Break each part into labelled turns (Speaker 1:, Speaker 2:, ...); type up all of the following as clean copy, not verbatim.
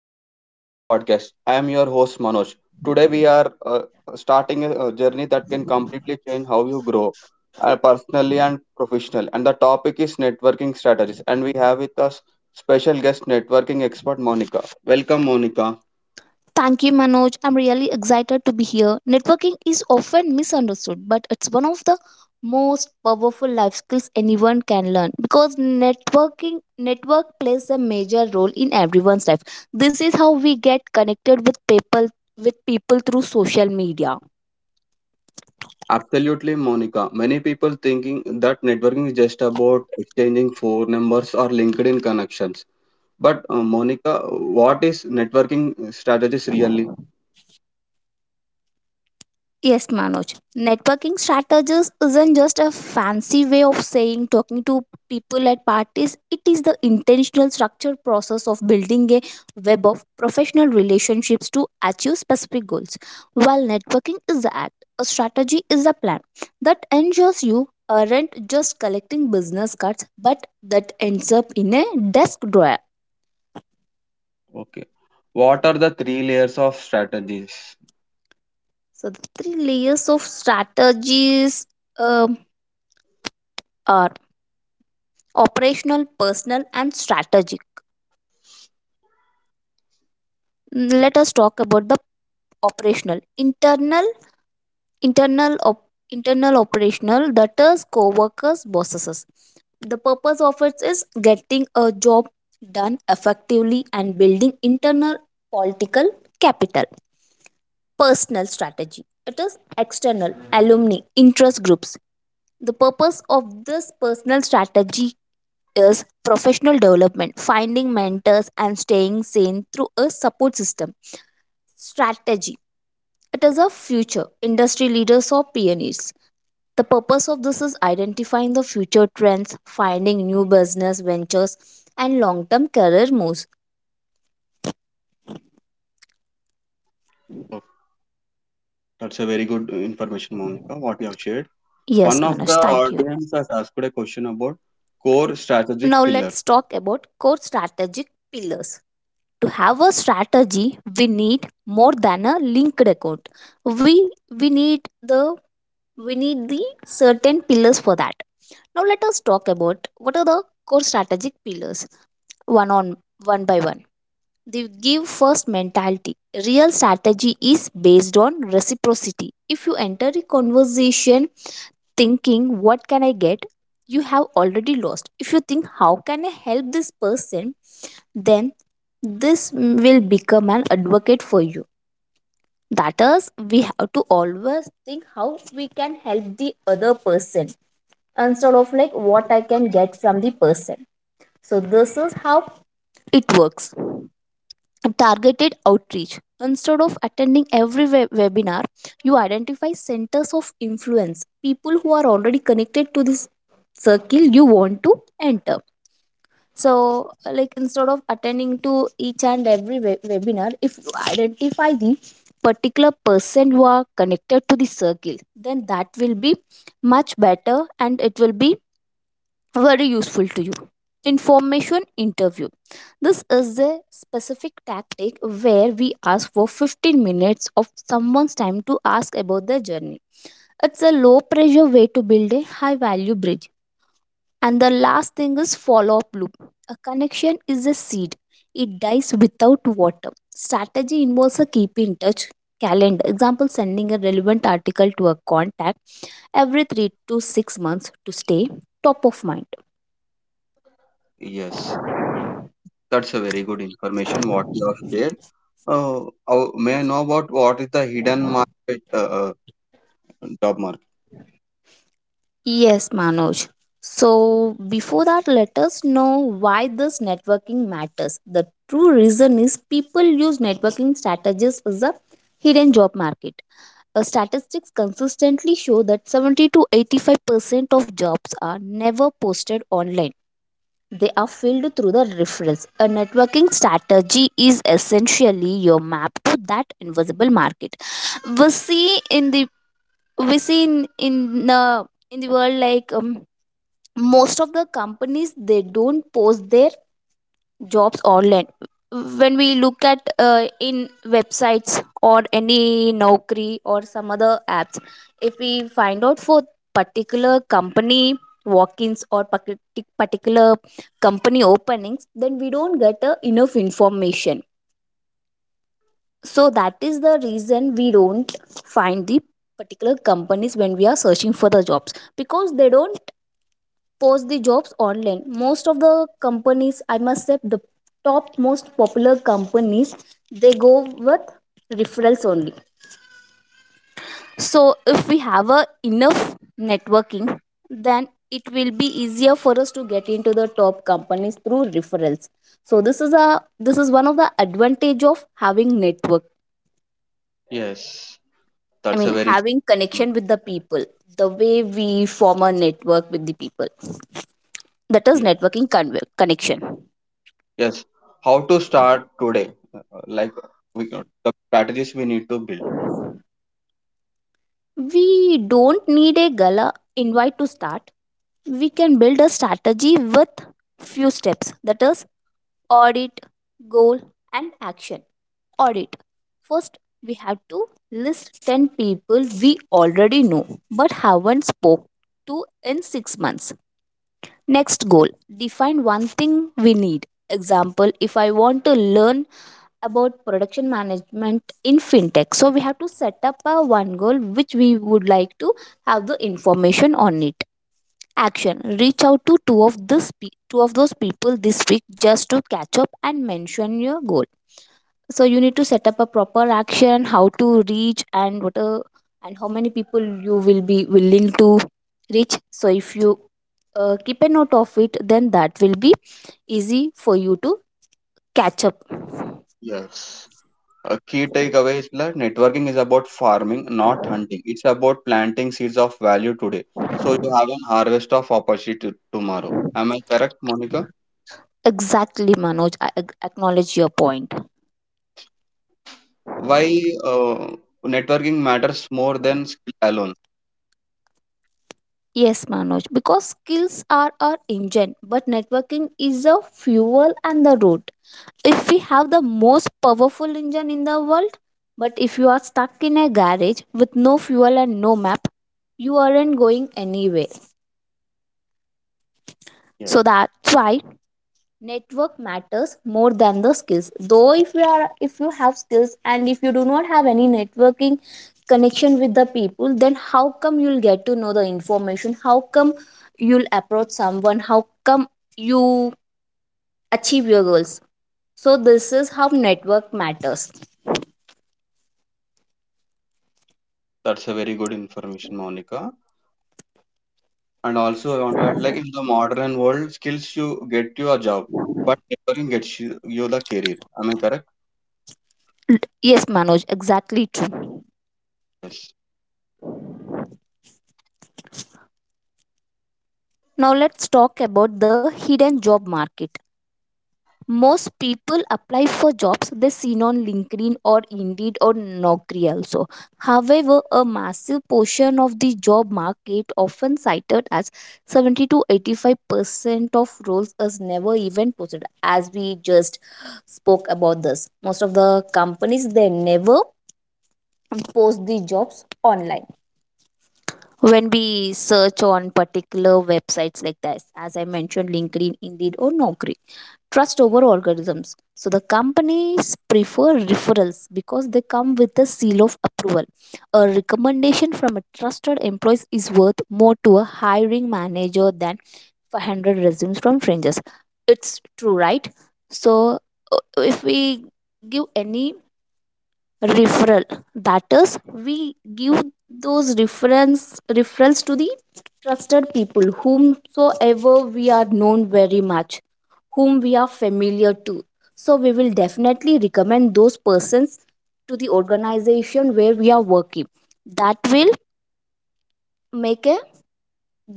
Speaker 1: and welcome to the podcast. I am your host, Manoj. Today, we are starting a journey that can completely change how you grow, personally and professional. And the topic is networking strategies. And we have with us special guest networking expert, Monica. Welcome, Monica.
Speaker 2: Thank you, Manoj. I'm really excited to be here. Networking is often misunderstood, but it's one of the most powerful life skills anyone can learn because networking network plays a major role in everyone's life. This is how we get connected with people through social media.
Speaker 1: Absolutely, Monica. Many people thinking that networking is just about exchanging phone numbers or LinkedIn connections. But, Monica, what is networking strategies really?
Speaker 2: Yes, Manoj. Networking strategies isn't just a fancy way of saying talking to people at parties. It is the intentional structured process of building a web of professional relationships to achieve specific goals. While networking is the act, a strategy is a plan that ensures you aren't just collecting business cards but that ends up in a desk drawer.
Speaker 1: Okay. What are the three layers of strategies?
Speaker 2: So the three layers of strategies um, are operational, personal, and strategic. Let us talk about the operational internal internal op, internal operational, that is co-workers, bosses. The purpose of it is getting a job done effectively and building internal political capital. Personal strategy, it is external, alumni, interest groups. The purpose of this personal strategy is professional development, finding mentors, and staying sane through a support system. Strategy, it is a future, industry leaders or pioneers. The purpose of this is identifying the future trends, finding new business ventures, and long term career moves.
Speaker 1: Oh, that's a very good information, Monica, what you have shared.
Speaker 2: Yes,
Speaker 1: One of the
Speaker 2: Manoj, thank you.
Speaker 1: audience has asked a question about core strategic
Speaker 2: Now
Speaker 1: pillars.
Speaker 2: let's talk about core strategic pillars. To have a strategy, we need more than a linked account. We need the certain pillars for that. Now let us talk about what are the core strategic pillars one on one by one. They give first mentality. Real strategy is based on reciprocity. If you enter a conversation thinking, what can I get? You have already lost. If you think, how can I help this person? Then this will become an advocate for you. That is, we have to always think how we can help the other person instead of like what I can get from the person. So this is how it works. Targeted outreach, instead of attending every webinar, you identify centers of influence, people who are already connected to this circle you want to enter. So, like, instead of attending to each and every webinar, if you identify the particular person who are connected to the circle, then that will be much better and it will be very useful to you. Information interview, this is a specific tactic where we ask for 15 minutes of someone's time to ask about their journey. It's a low pressure way to build a high value bridge. And the last thing is follow up loop. A connection is a seed, it dies without water. Strategy involves a keep in touch calendar. Example, sending a relevant article to a contact every 3 to 6 months to stay top of mind.
Speaker 1: Yes, that's a very good information, what you have shared. Uh, may I know about what is the hidden market, uh, job market?
Speaker 2: Yes, Manoj. So, before that, let us know why this networking matters. The true reason is people use networking strategies as a hidden job market. Statistics consistently show that 70 to 85% of jobs are never posted online. They are filled through the referrals. A networking strategy is essentially your map to that invisible market. We see in the we see in in the world, most of the companies, they don't post their jobs online. When we look at in websites or any naukri or some other apps, if we find out for particular company walk-ins or particular company openings, then we don't get enough information. So that is the reason we don't find the particular companies when we are searching for the jobs, because they don't post the jobs online. Most of the companies, I must say, the top most popular companies, they go with referrals only. So if we have a enough networking, then it will be easier for us to get into the top companies through referrals. So this is one of the advantage of having network,
Speaker 1: Yes,
Speaker 2: I
Speaker 1: that's a
Speaker 2: mean
Speaker 1: very
Speaker 2: having
Speaker 1: good.
Speaker 2: connection with the people. The way we form a network with the people, that is
Speaker 1: Yes,
Speaker 2: networking connection.
Speaker 1: yes. How to start today? Like we got the strategies we need to build.
Speaker 2: We don't need a gala invite to start. We can build a strategy with few steps, that is audit, goal and action. Audit. First, we have to list 10 people we already know but haven't spoke to in 6 months. Next, goal, define one thing we need. Example, if I want to learn about production management in fintech, so we have to set up a one goal which we would like to have the information on it. Action, reach out to two of those people this week just to catch up and mention your goal. So you need to set up a proper action, how to reach and what a, and how many people you will be willing to reach. So if you keep a note of it, then that will be easy for you to catch up.
Speaker 1: Yes. A key takeaway is that networking is about farming, not hunting. It's about planting seeds of value today, so you have an harvest of opportunity tomorrow. Am I correct, Monica?
Speaker 2: Exactly, Manoj, I acknowledge your point.
Speaker 1: Why uh, networking matters more than skill alone?
Speaker 2: Yes, Manoj, because skills are our engine but networking is the fuel and the road. If we have the most powerful engine in the world, but if you are stuck in a garage with no fuel and no map, you aren't going anywhere.
Speaker 1: Yeah,
Speaker 2: So that's why network matters more than the skills. Though if you are, if you have skills and if you do not have any networking connection with the people, then how come you'll get to know the information, how come you'll approach someone, how come you achieve your goals? So this is how network matters.
Speaker 1: that's a very good information, Monica. And also, I want to add, like in the modern world, skills you get you a job, but networking gets you, the career. Am I correct?
Speaker 2: L- Yes, Manoj, exactly true.
Speaker 1: Yes.
Speaker 2: Now let's talk about the hidden job market. Most people apply for jobs they seen on LinkedIn or Indeed or Naukri also. However, a massive portion of the job market, often cited as 70 to 85% of roles, is never even posted. As we just spoke about this, most of the companies they never post the jobs online when we search on particular websites, like this, as I mentioned, LinkedIn, Indeed or Naukri. Trust over algorithms, so the companies prefer referrals because they come with a seal of approval. A recommendation from a trusted employee is worth more to a hiring manager than 500 resumes from strangers. It's true, right? So uh, if we give any referral, that is, we give those reference referrals to the trusted people whomsoever we are known very much, whom we are familiar to. So we will definitely recommend those persons to the organization where we are working. That will make a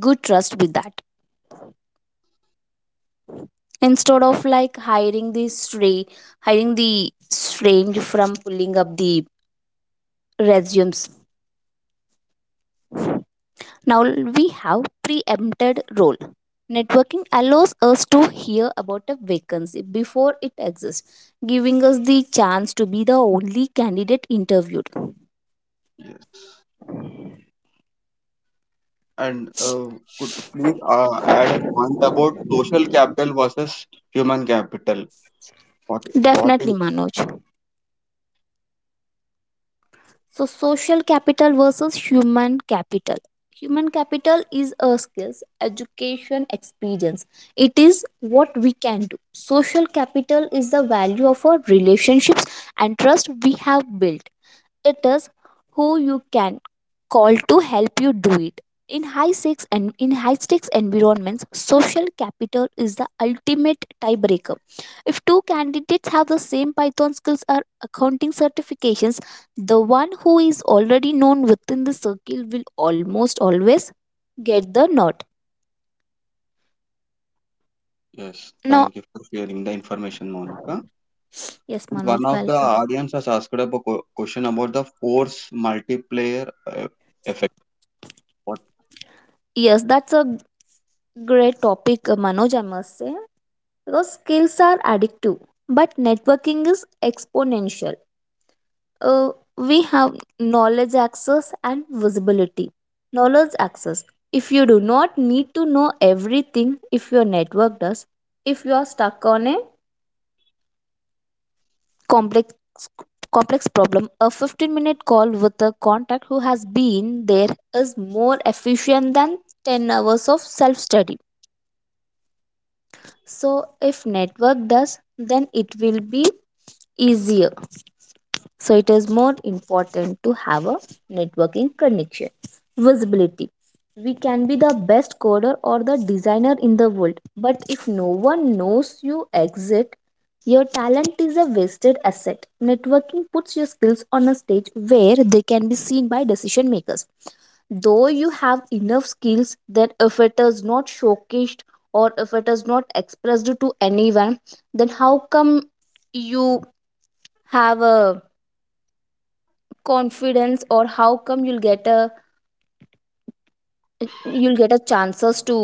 Speaker 2: good trust with that, instead of like hiring the strange from pulling up the resumes. Now we have preempted role. Networking allows us to hear about a vacancy before it exists, giving us the chance to be the only candidate interviewed.
Speaker 1: And could you please add a point about social capital versus human capital? What is.
Speaker 2: Definitely, Manoj. So, social capital versus human capital. Human capital is a skills, education, experience. It is what we can do. Social capital is the value of our relationships and trust we have built. It is who you can call to help you do it. In high stakes environments, social capital is the ultimate tiebreaker. If two candidates have the same Python skills or accounting certifications, the one who is already known within the circle will almost always get the nod.
Speaker 1: Yes,
Speaker 2: Now,
Speaker 1: thank you for sharing the information, Monica.
Speaker 2: yes,
Speaker 1: And
Speaker 2: Manoj,
Speaker 1: one of the
Speaker 2: welcome.
Speaker 1: audience has asked a question about the force multiplier effect. What?
Speaker 2: Yes, that's a great topic, Manoj, I must say. Because skills are addictive but networking is exponential. uh, we have knowledge access and visibility. Knowledge access, if you do not need to know everything, if your network does. If you are stuck on a complex complex problem, a 15-minute call with a contact who has been there is more efficient than 10 hours of self study. So if network does, then it will be easier. So it is more important to have a networking connection. Visibility. We can be the best coder or the designer in the world, but if no one knows you exist, your talent is a wasted asset. Networking puts your skills on a stage where they can be seen by decision makers. Though you have enough skills, then if it is not showcased or if it is not expressed to anyone, then how come you have a confidence or how come you'll get a chances to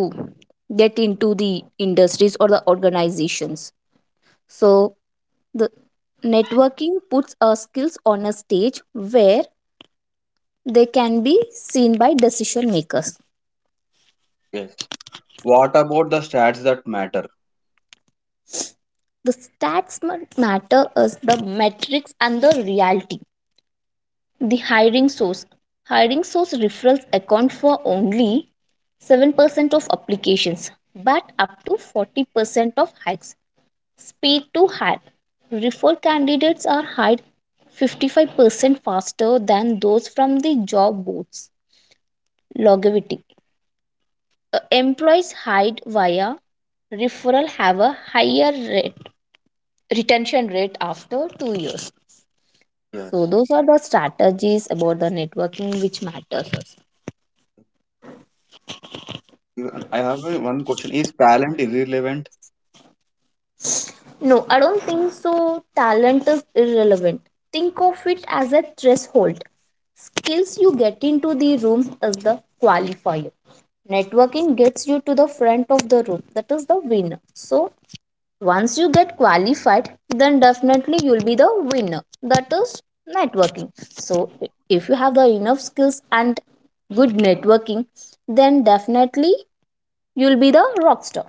Speaker 2: get into the industries or the organizations. So the networking puts our skills on a stage where they can be seen by decision makers.
Speaker 1: Yes. What about the stats that matter?
Speaker 2: The stats matter as the metrics and the reality. The hiring source Hiring source referrals account for only 7% of applications but up to 40% of hikes. Speed to hide. Referred candidates are hired 55% faster than those from the job boards. Longevity. Employees hired via referral have a higher rate, retention rate after 2 years. So
Speaker 1: Yes.
Speaker 2: those are the strategies about the networking which matters us.
Speaker 1: Even, I have a one question. Is talent irrelevant?
Speaker 2: No, I don't think so. Talent is irrelevant. Think of it as a threshold. Skills you get into the room is the qualifier. Networking gets you to the front of the room. That is the winner. So once you get qualified, then definitely you'll be the winner. That is networking. So if you have the enough skills and good networking, then definitely you'll be the rock star.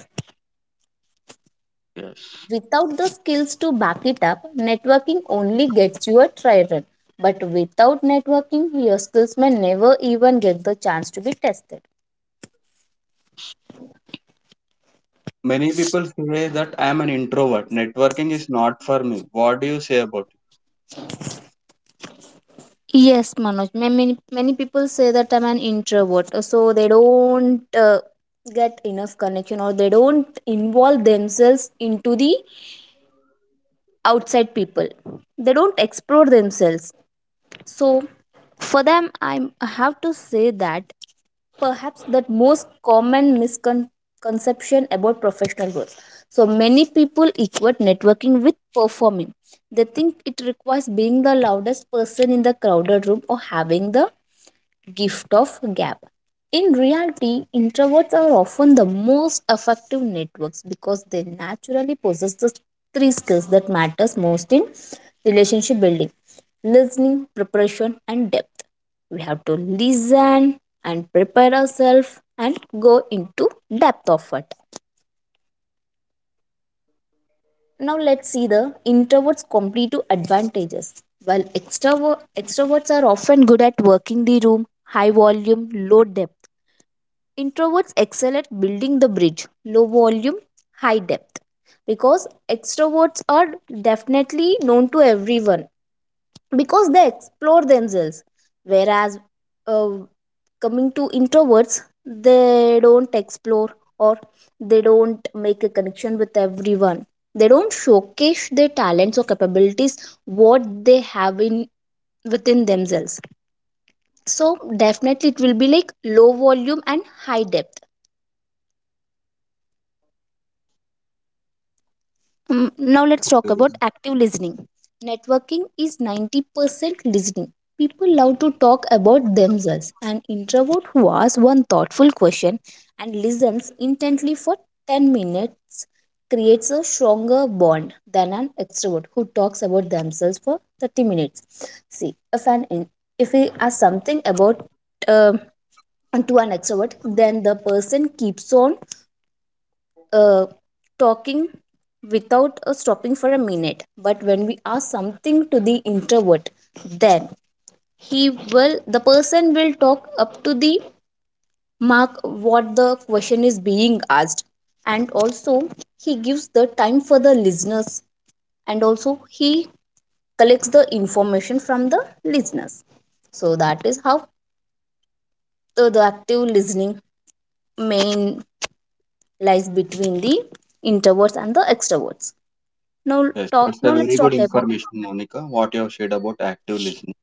Speaker 1: Yes.
Speaker 2: Without the skills to back it up, networking only gets you a try run. But without networking, your skills may never even get the chance to be tested.
Speaker 1: Many people say that I am an introvert. Networking is not for me. What do you say about?
Speaker 2: Yes, Manoj. Many people say that I'm an introvert, so they don't get enough connection or they don't involve themselves into the outside people. They don't explore themselves. So for them, I have to say that perhaps the most common misconception about professional growth. So many people equate networking with performing. They think it requires being the loudest person in the crowded room or having the gift of gab. In reality, introverts are often the most effective networks because they naturally possess the three skills that matters most in relationship building: listening, preparation, and depth. We have to listen and prepare ourselves and go into depth of it. Now let's see the introverts' competitive advantages. While extroverts are often good at working the room, high volume, low depth, introverts excel at building the bridge, low volume, high depth. Because extroverts are definitely known to everyone because they explore themselves. Whereas, uh, coming to introverts, they don't explore or they don't make a connection with everyone. They don't showcase their talents or capabilities what they have in within themselves. So definitely it will be like low volume and high depth. Now let's talk about active listening. Networking is 90% listening. People love to talk about themselves. An introvert who asks one thoughtful question and listens intently for 10 minutes creates a stronger bond than an extrovert who talks about themselves for 30 minutes. See, if an in- if we ask something about uh, to an extrovert, then the person keeps on uh, talking without stopping for a minute, but when we ask something to the introvert, then he will the person will talk up to the mark what the question is being asked, and also he gives the time for the listeners, and also he collects the information from the listeners. So that is how the active listening main lies between the introverts and the extroverts. Now
Speaker 1: Yes, it's
Speaker 2: Now
Speaker 1: a
Speaker 2: let's
Speaker 1: very
Speaker 2: talk
Speaker 1: good
Speaker 2: about,
Speaker 1: information, Monica, what you have shared about active listening.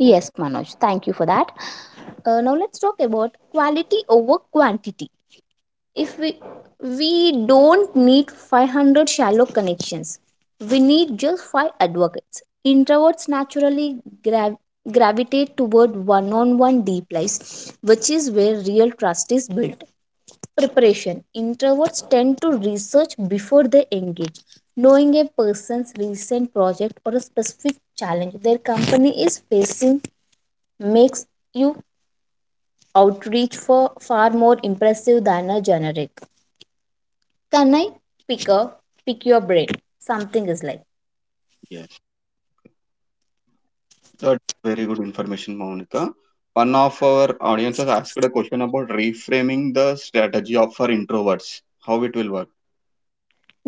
Speaker 1: Oh,
Speaker 2: Manoj. Thank you for that. Now let's talk about quality over quantity. If we don't need 500 shallow connections, we need just five advocates. Introverts naturally gravitate toward one-on-one deep lives, which is where real trust is built. Preparation: introverts tend to research before they engage. Knowing a person's recent project or a specific challenge their company is facing makes you outreach for far more impressive than a generic. Can I pick a pick your brain? Something is like,
Speaker 1: yes, that's very good information, Monica. One of our audience has asked a question about reframing the strategy of for introverts. How it will work?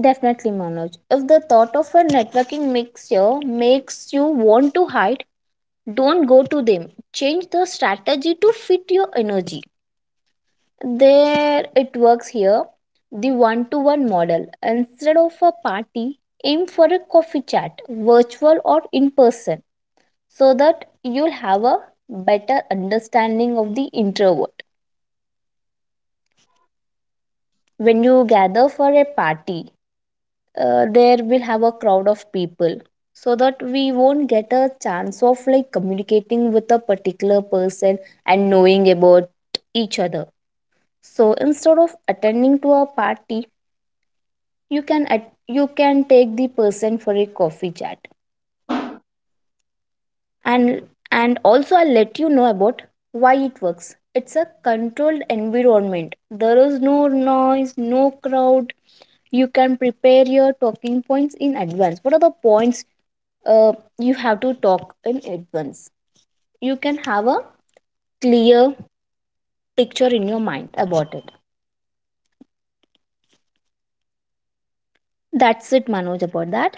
Speaker 2: definitely, Manoj. If the thought of a networking mixture makes you want to hide, don't go to them. Change the strategy to fit your energy. There it works here. The one to one model. Instead of a party, aim for a coffee chat, virtual or in person, so that you'll have a better understanding of the introvert. When you gather for a party, there will have a crowd of people, so that we won't get a chance of like communicating with a particular person and knowing about each other. So instead of attending to a party, you can take the person for a coffee chat, and and also I'll let you know about why it works. It's a controlled environment, there is no noise, no crowd. You can prepare your talking points in advance, what are the points uh, you have to talk in advance. You can have a clear picture in your mind about it. That's it, Manoj, about that.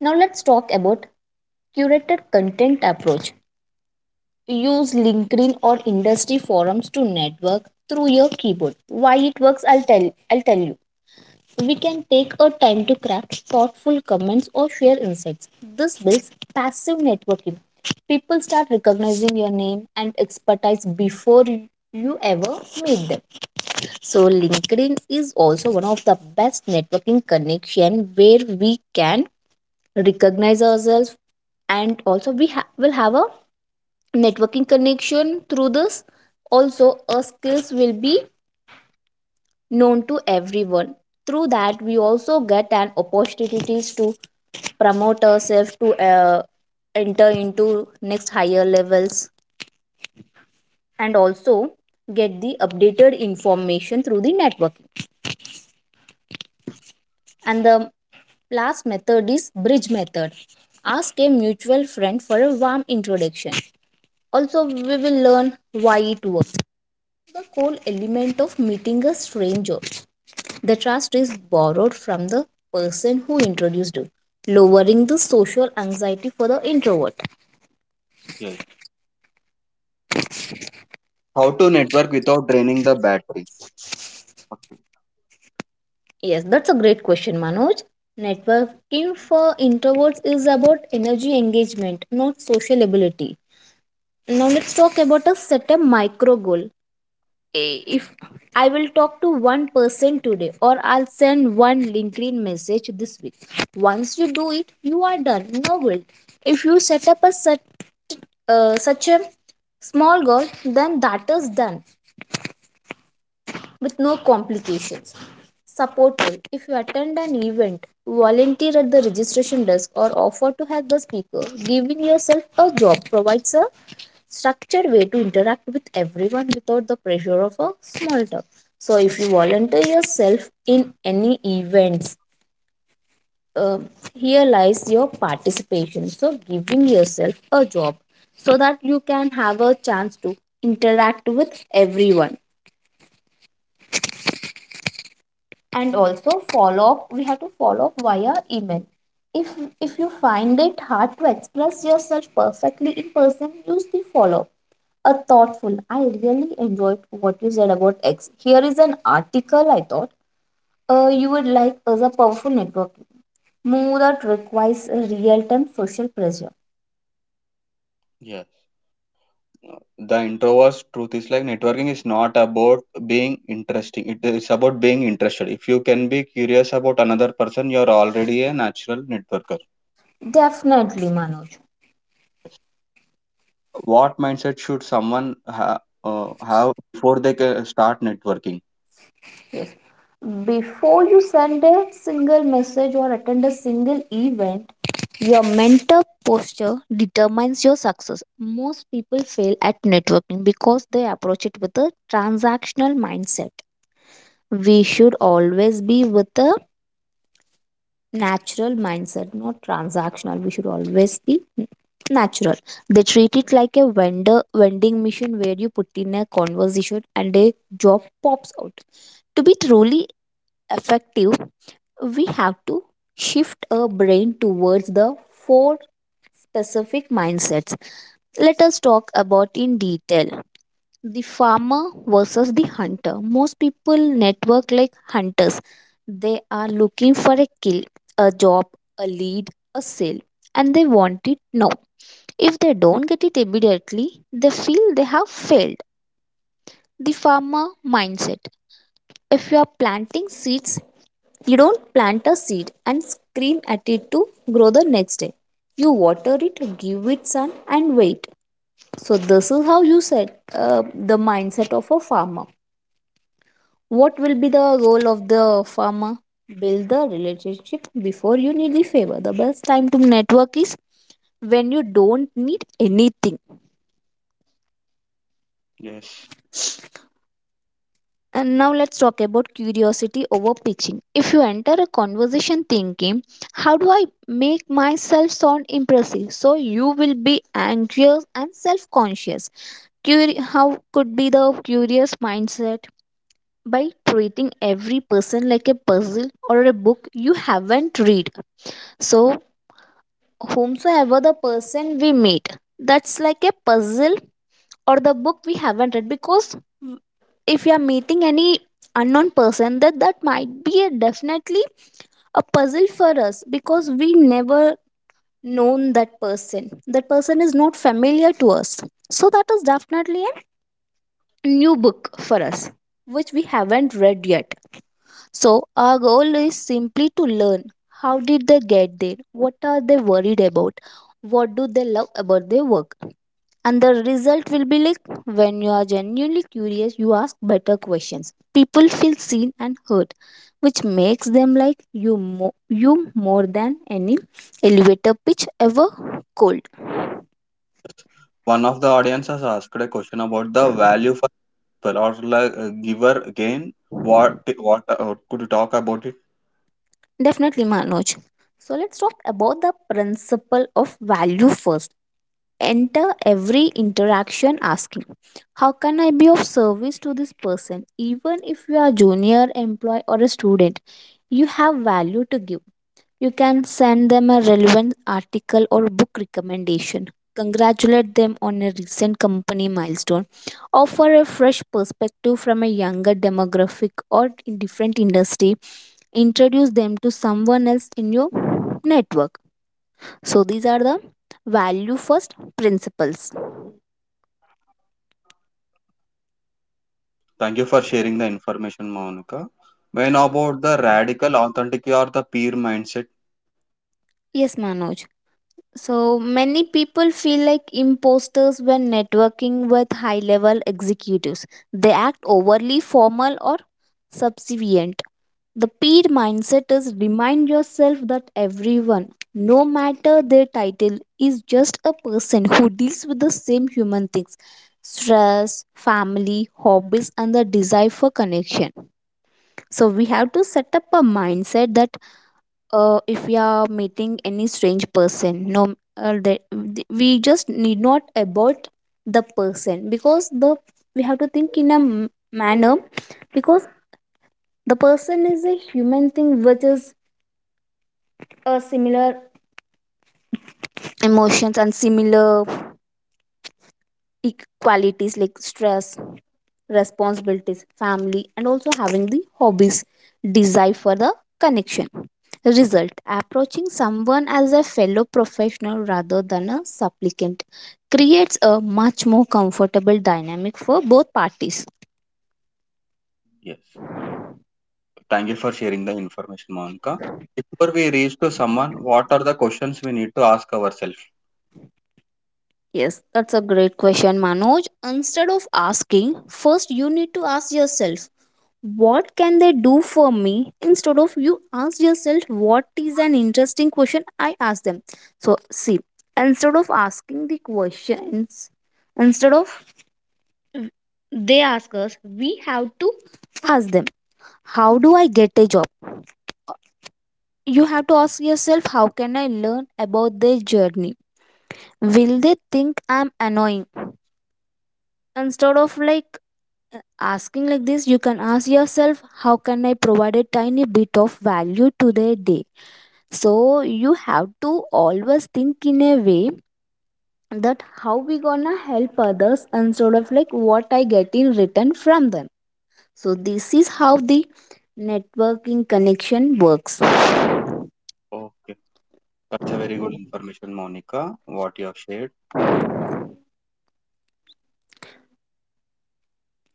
Speaker 2: Now let's talk about curated content approach. Use LinkedIn or industry forums to network through your keyboard. Why it works, I'll tell you. We can take our time to craft thoughtful comments or share insights. This builds passive networking. People start recognizing your name and expertise before you ever meet them. So LinkedIn is also one of the best networking connection where we can recognize ourselves, and also will have a networking connection through this. Also our skills will be known to everyone. Through that we also get an opportunities to promote ourselves to enter into next higher levels, and also get the updated information through the networking. And the last method is bridge method. Ask a mutual friend for a warm introduction. Also we will learn why it works. The core element of meeting a stranger. The trust is borrowed from the person who introduced you, lowering the social anxiety for the introvert.
Speaker 1: Yes. How to network without draining the battery?
Speaker 2: Yes, that's a great question, Manoj. Networking for introverts is about energy engagement, not social ability. Now let's talk about a set a micro goal. If I will talk to one person today or I'll send one LinkedIn message this week. Once you do it, you are done. No guilt. If you set up a such a small goal, then that is done with no complications. Supporter: if you attend an event, volunteer at the registration desk or offer to help the speaker, giving yourself a job provides a structured way to interact with everyone without the pressure of a small talk. So, if you volunteer yourself in any events, um here lies your participation. So, giving yourself a job so that you can have a chance to interact with everyone. And also follow up. We have to follow up via email. if if you find it hard to express yourself perfectly in person, use the follow up. A thoughtful "I really enjoyed what you said about X, here is an article I thought you would like" as a powerful network move that requires real-time social pressure.
Speaker 1: Yes. The introvert's truth is like networking is not about being interesting. It is about being interested. If you can be curious about another person, you are already a natural networker.
Speaker 2: Definitely, Manoj.
Speaker 1: What mindset should someone have before they can start networking?
Speaker 2: Before you send a single message or attend a single event, your mental posture determines your success. Most people fail at networking because they approach it with a transactional mindset. We should always be with a natural mindset, not transactional. We should always be natural. They treat it like a vendor vending machine where you put in a conversation and a job pops out. To be truly effective, we have to shift our brain towards the four specific mindsets. Let us talk about in detail. The farmer versus the hunter. Most people network like hunters. They are looking for a kill, a job, a lead, a sale, and they want it now. If they don't get it immediately, they feel they have failed. The farmer mindset. If you are planting seeds, you don't plant a seed and scream at it to grow the next day. You water it, give it sun, and wait. So, this is how you set the mindset of a farmer. What will be the goal of the farmer? Build the relationship before you need the favor. The best time to network is when you don't need anything.
Speaker 1: Yes.
Speaker 2: And now let's talk about curiosity over pitching. If you enter a conversation thinking, how do I make myself sound impressive? So you will be anxious and self conscious. How could be the curious mindset? By treating every person like a puzzle or a book you haven't read. So, whomsoever the person we meet, that's like a puzzle or the book we haven't read. Because if you are meeting any unknown person, that might be a definitely a puzzle for us, because we never known that person, that person is not familiar to us, so that is definitely a new book for us, which we haven't read yet. So our goal is simply to learn, how did they get there, what are they worried about, what do they love about their work. And the result will be like, when you are genuinely curious, you ask better questions, people feel seen and heard, which makes them like you more than any elevator pitch ever could.
Speaker 1: One of the audience has asked a question about the value for people or like, giver gain. What could you talk about it?
Speaker 2: Definitely, Manoj. So let's talk about the principle of value first. Enter every interaction asking, how can I be of service to this person? Even if you are junior employee or a student, you have value to give. You can send them a relevant article or book recommendation. Congratulate them on a recent company milestone. Offer a fresh perspective from a younger demographic or in different industry. Introduce them to someone else in your network. So these are the value first principles.
Speaker 1: Thank you for sharing the information, Monica. When about the radical authenticity or the peer mindset?
Speaker 2: Yes, Manoj. So many people feel like imposters when networking with high level executives. They act overly formal or subservient. The peer mindset is remind yourself that everyone, no matter their title, is just a person who deals with the same human things: stress, family, hobbies, and the desire for connection. So we have to set up a mindset that if we are meeting any strange person, no, that we just need not about the person, because the we have to think in a manner, because the person is a human thing which is similar emotions and similar e- qualities like stress, responsibilities, family, and also having the hobbies, desire for the connection. Result: approaching someone as a fellow professional rather than a supplicant creates a much more comfortable dynamic for both parties.
Speaker 1: Yes. Thank you for sharing the information, Monica. Before we reach to someone, what are the questions we need to ask ourselves?
Speaker 2: Yes, that's a great question, Manoj. Instead of asking, first you need to ask yourself, what can they do for me? Instead of, you ask yourself, what is an interesting question I ask them? So see, instead of asking the questions, instead of they ask us, we have to ask them. How do I get a job? You have to ask yourself, how can I learn about their journey? Will they think I'm annoying? Instead of like uh, asking like this, you can ask yourself, how can I provide a tiny bit of value to their day? So you have to always think in a way, that how we gonna help others instead of like what I get in return from them. So this is how the networking connection works.
Speaker 1: Okay. That's a very good information, Monica, what you have shared.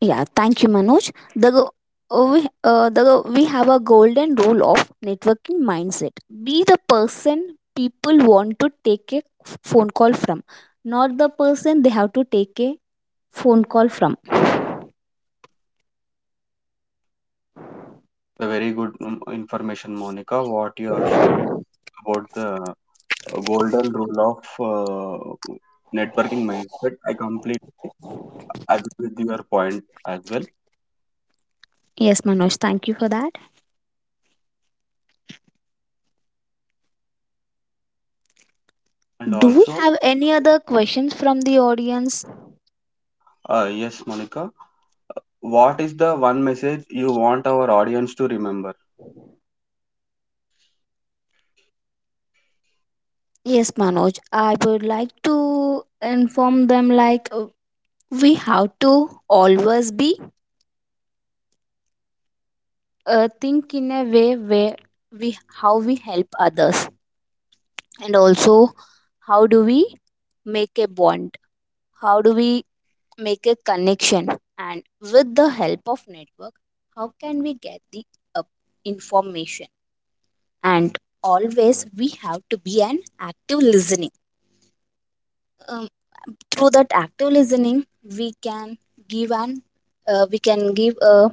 Speaker 2: Yeah, thank you, Manoj. The go- we, the go- We have a golden rule of networking mindset. Be the person people want to take a phone call from, not the person they have to take a phone call from.
Speaker 1: A very good information, Monica, what you have shared about the golden rule of networking mindset. I complete agree with your point as well.
Speaker 2: Yes, Manoj, thank you for that.
Speaker 1: And
Speaker 2: Do we
Speaker 1: also,
Speaker 2: have any other questions from the audience?
Speaker 1: yes, Monica, what is the one message you want our audience to remember?
Speaker 2: Yes, Manoj. I would like to inform them like we have to always be think in a way where we how we help others, and also, how do we make a bond? How do we make a connection? And with the help of network, how can we get the uh, information? And always we have to be an active listening. Uh, Through that active listening we can give an we can give a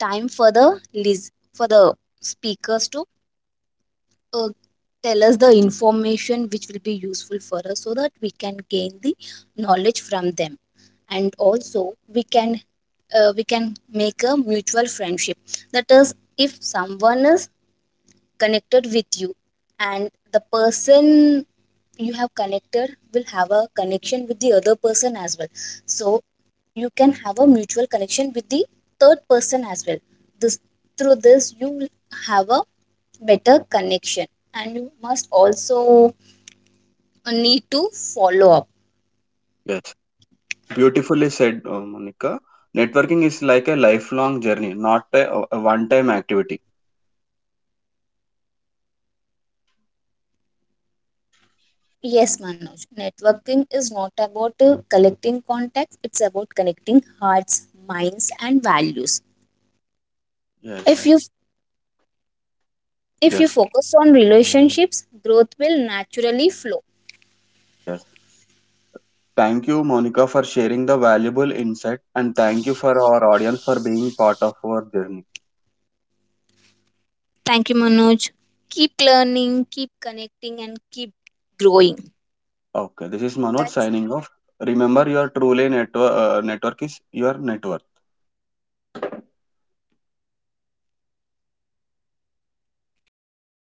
Speaker 2: time for the for the speakers to uh, tell us the information which will be useful for us, so that we can gain the knowledge from them. And also we can make a mutual friendship. That is, if someone is connected with you, and the person you have connected will have a connection with the other person as well. So you can have a mutual connection with the third person as well. This Through this you will have a better connection. And you must also need to follow up.
Speaker 1: Yes, beautifully said, Monica. Networking is like a lifelong journey, not a one-time activity.
Speaker 2: Yes, Manoj, networking is not about collecting contacts, it's about connecting hearts, minds and values. if
Speaker 1: Yes,
Speaker 2: you if you
Speaker 1: yes.
Speaker 2: focus on relationships, growth will naturally flow.
Speaker 1: Yes. Thank you, Monica, for sharing the valuable insight, and thank you for our audience for being part of our journey.
Speaker 2: Thank you, Manoj. Keep learning, keep connecting, and keep growing.
Speaker 1: Okay, this is Manoj
Speaker 2: That's
Speaker 1: signing off. Remember, your truly network is your network.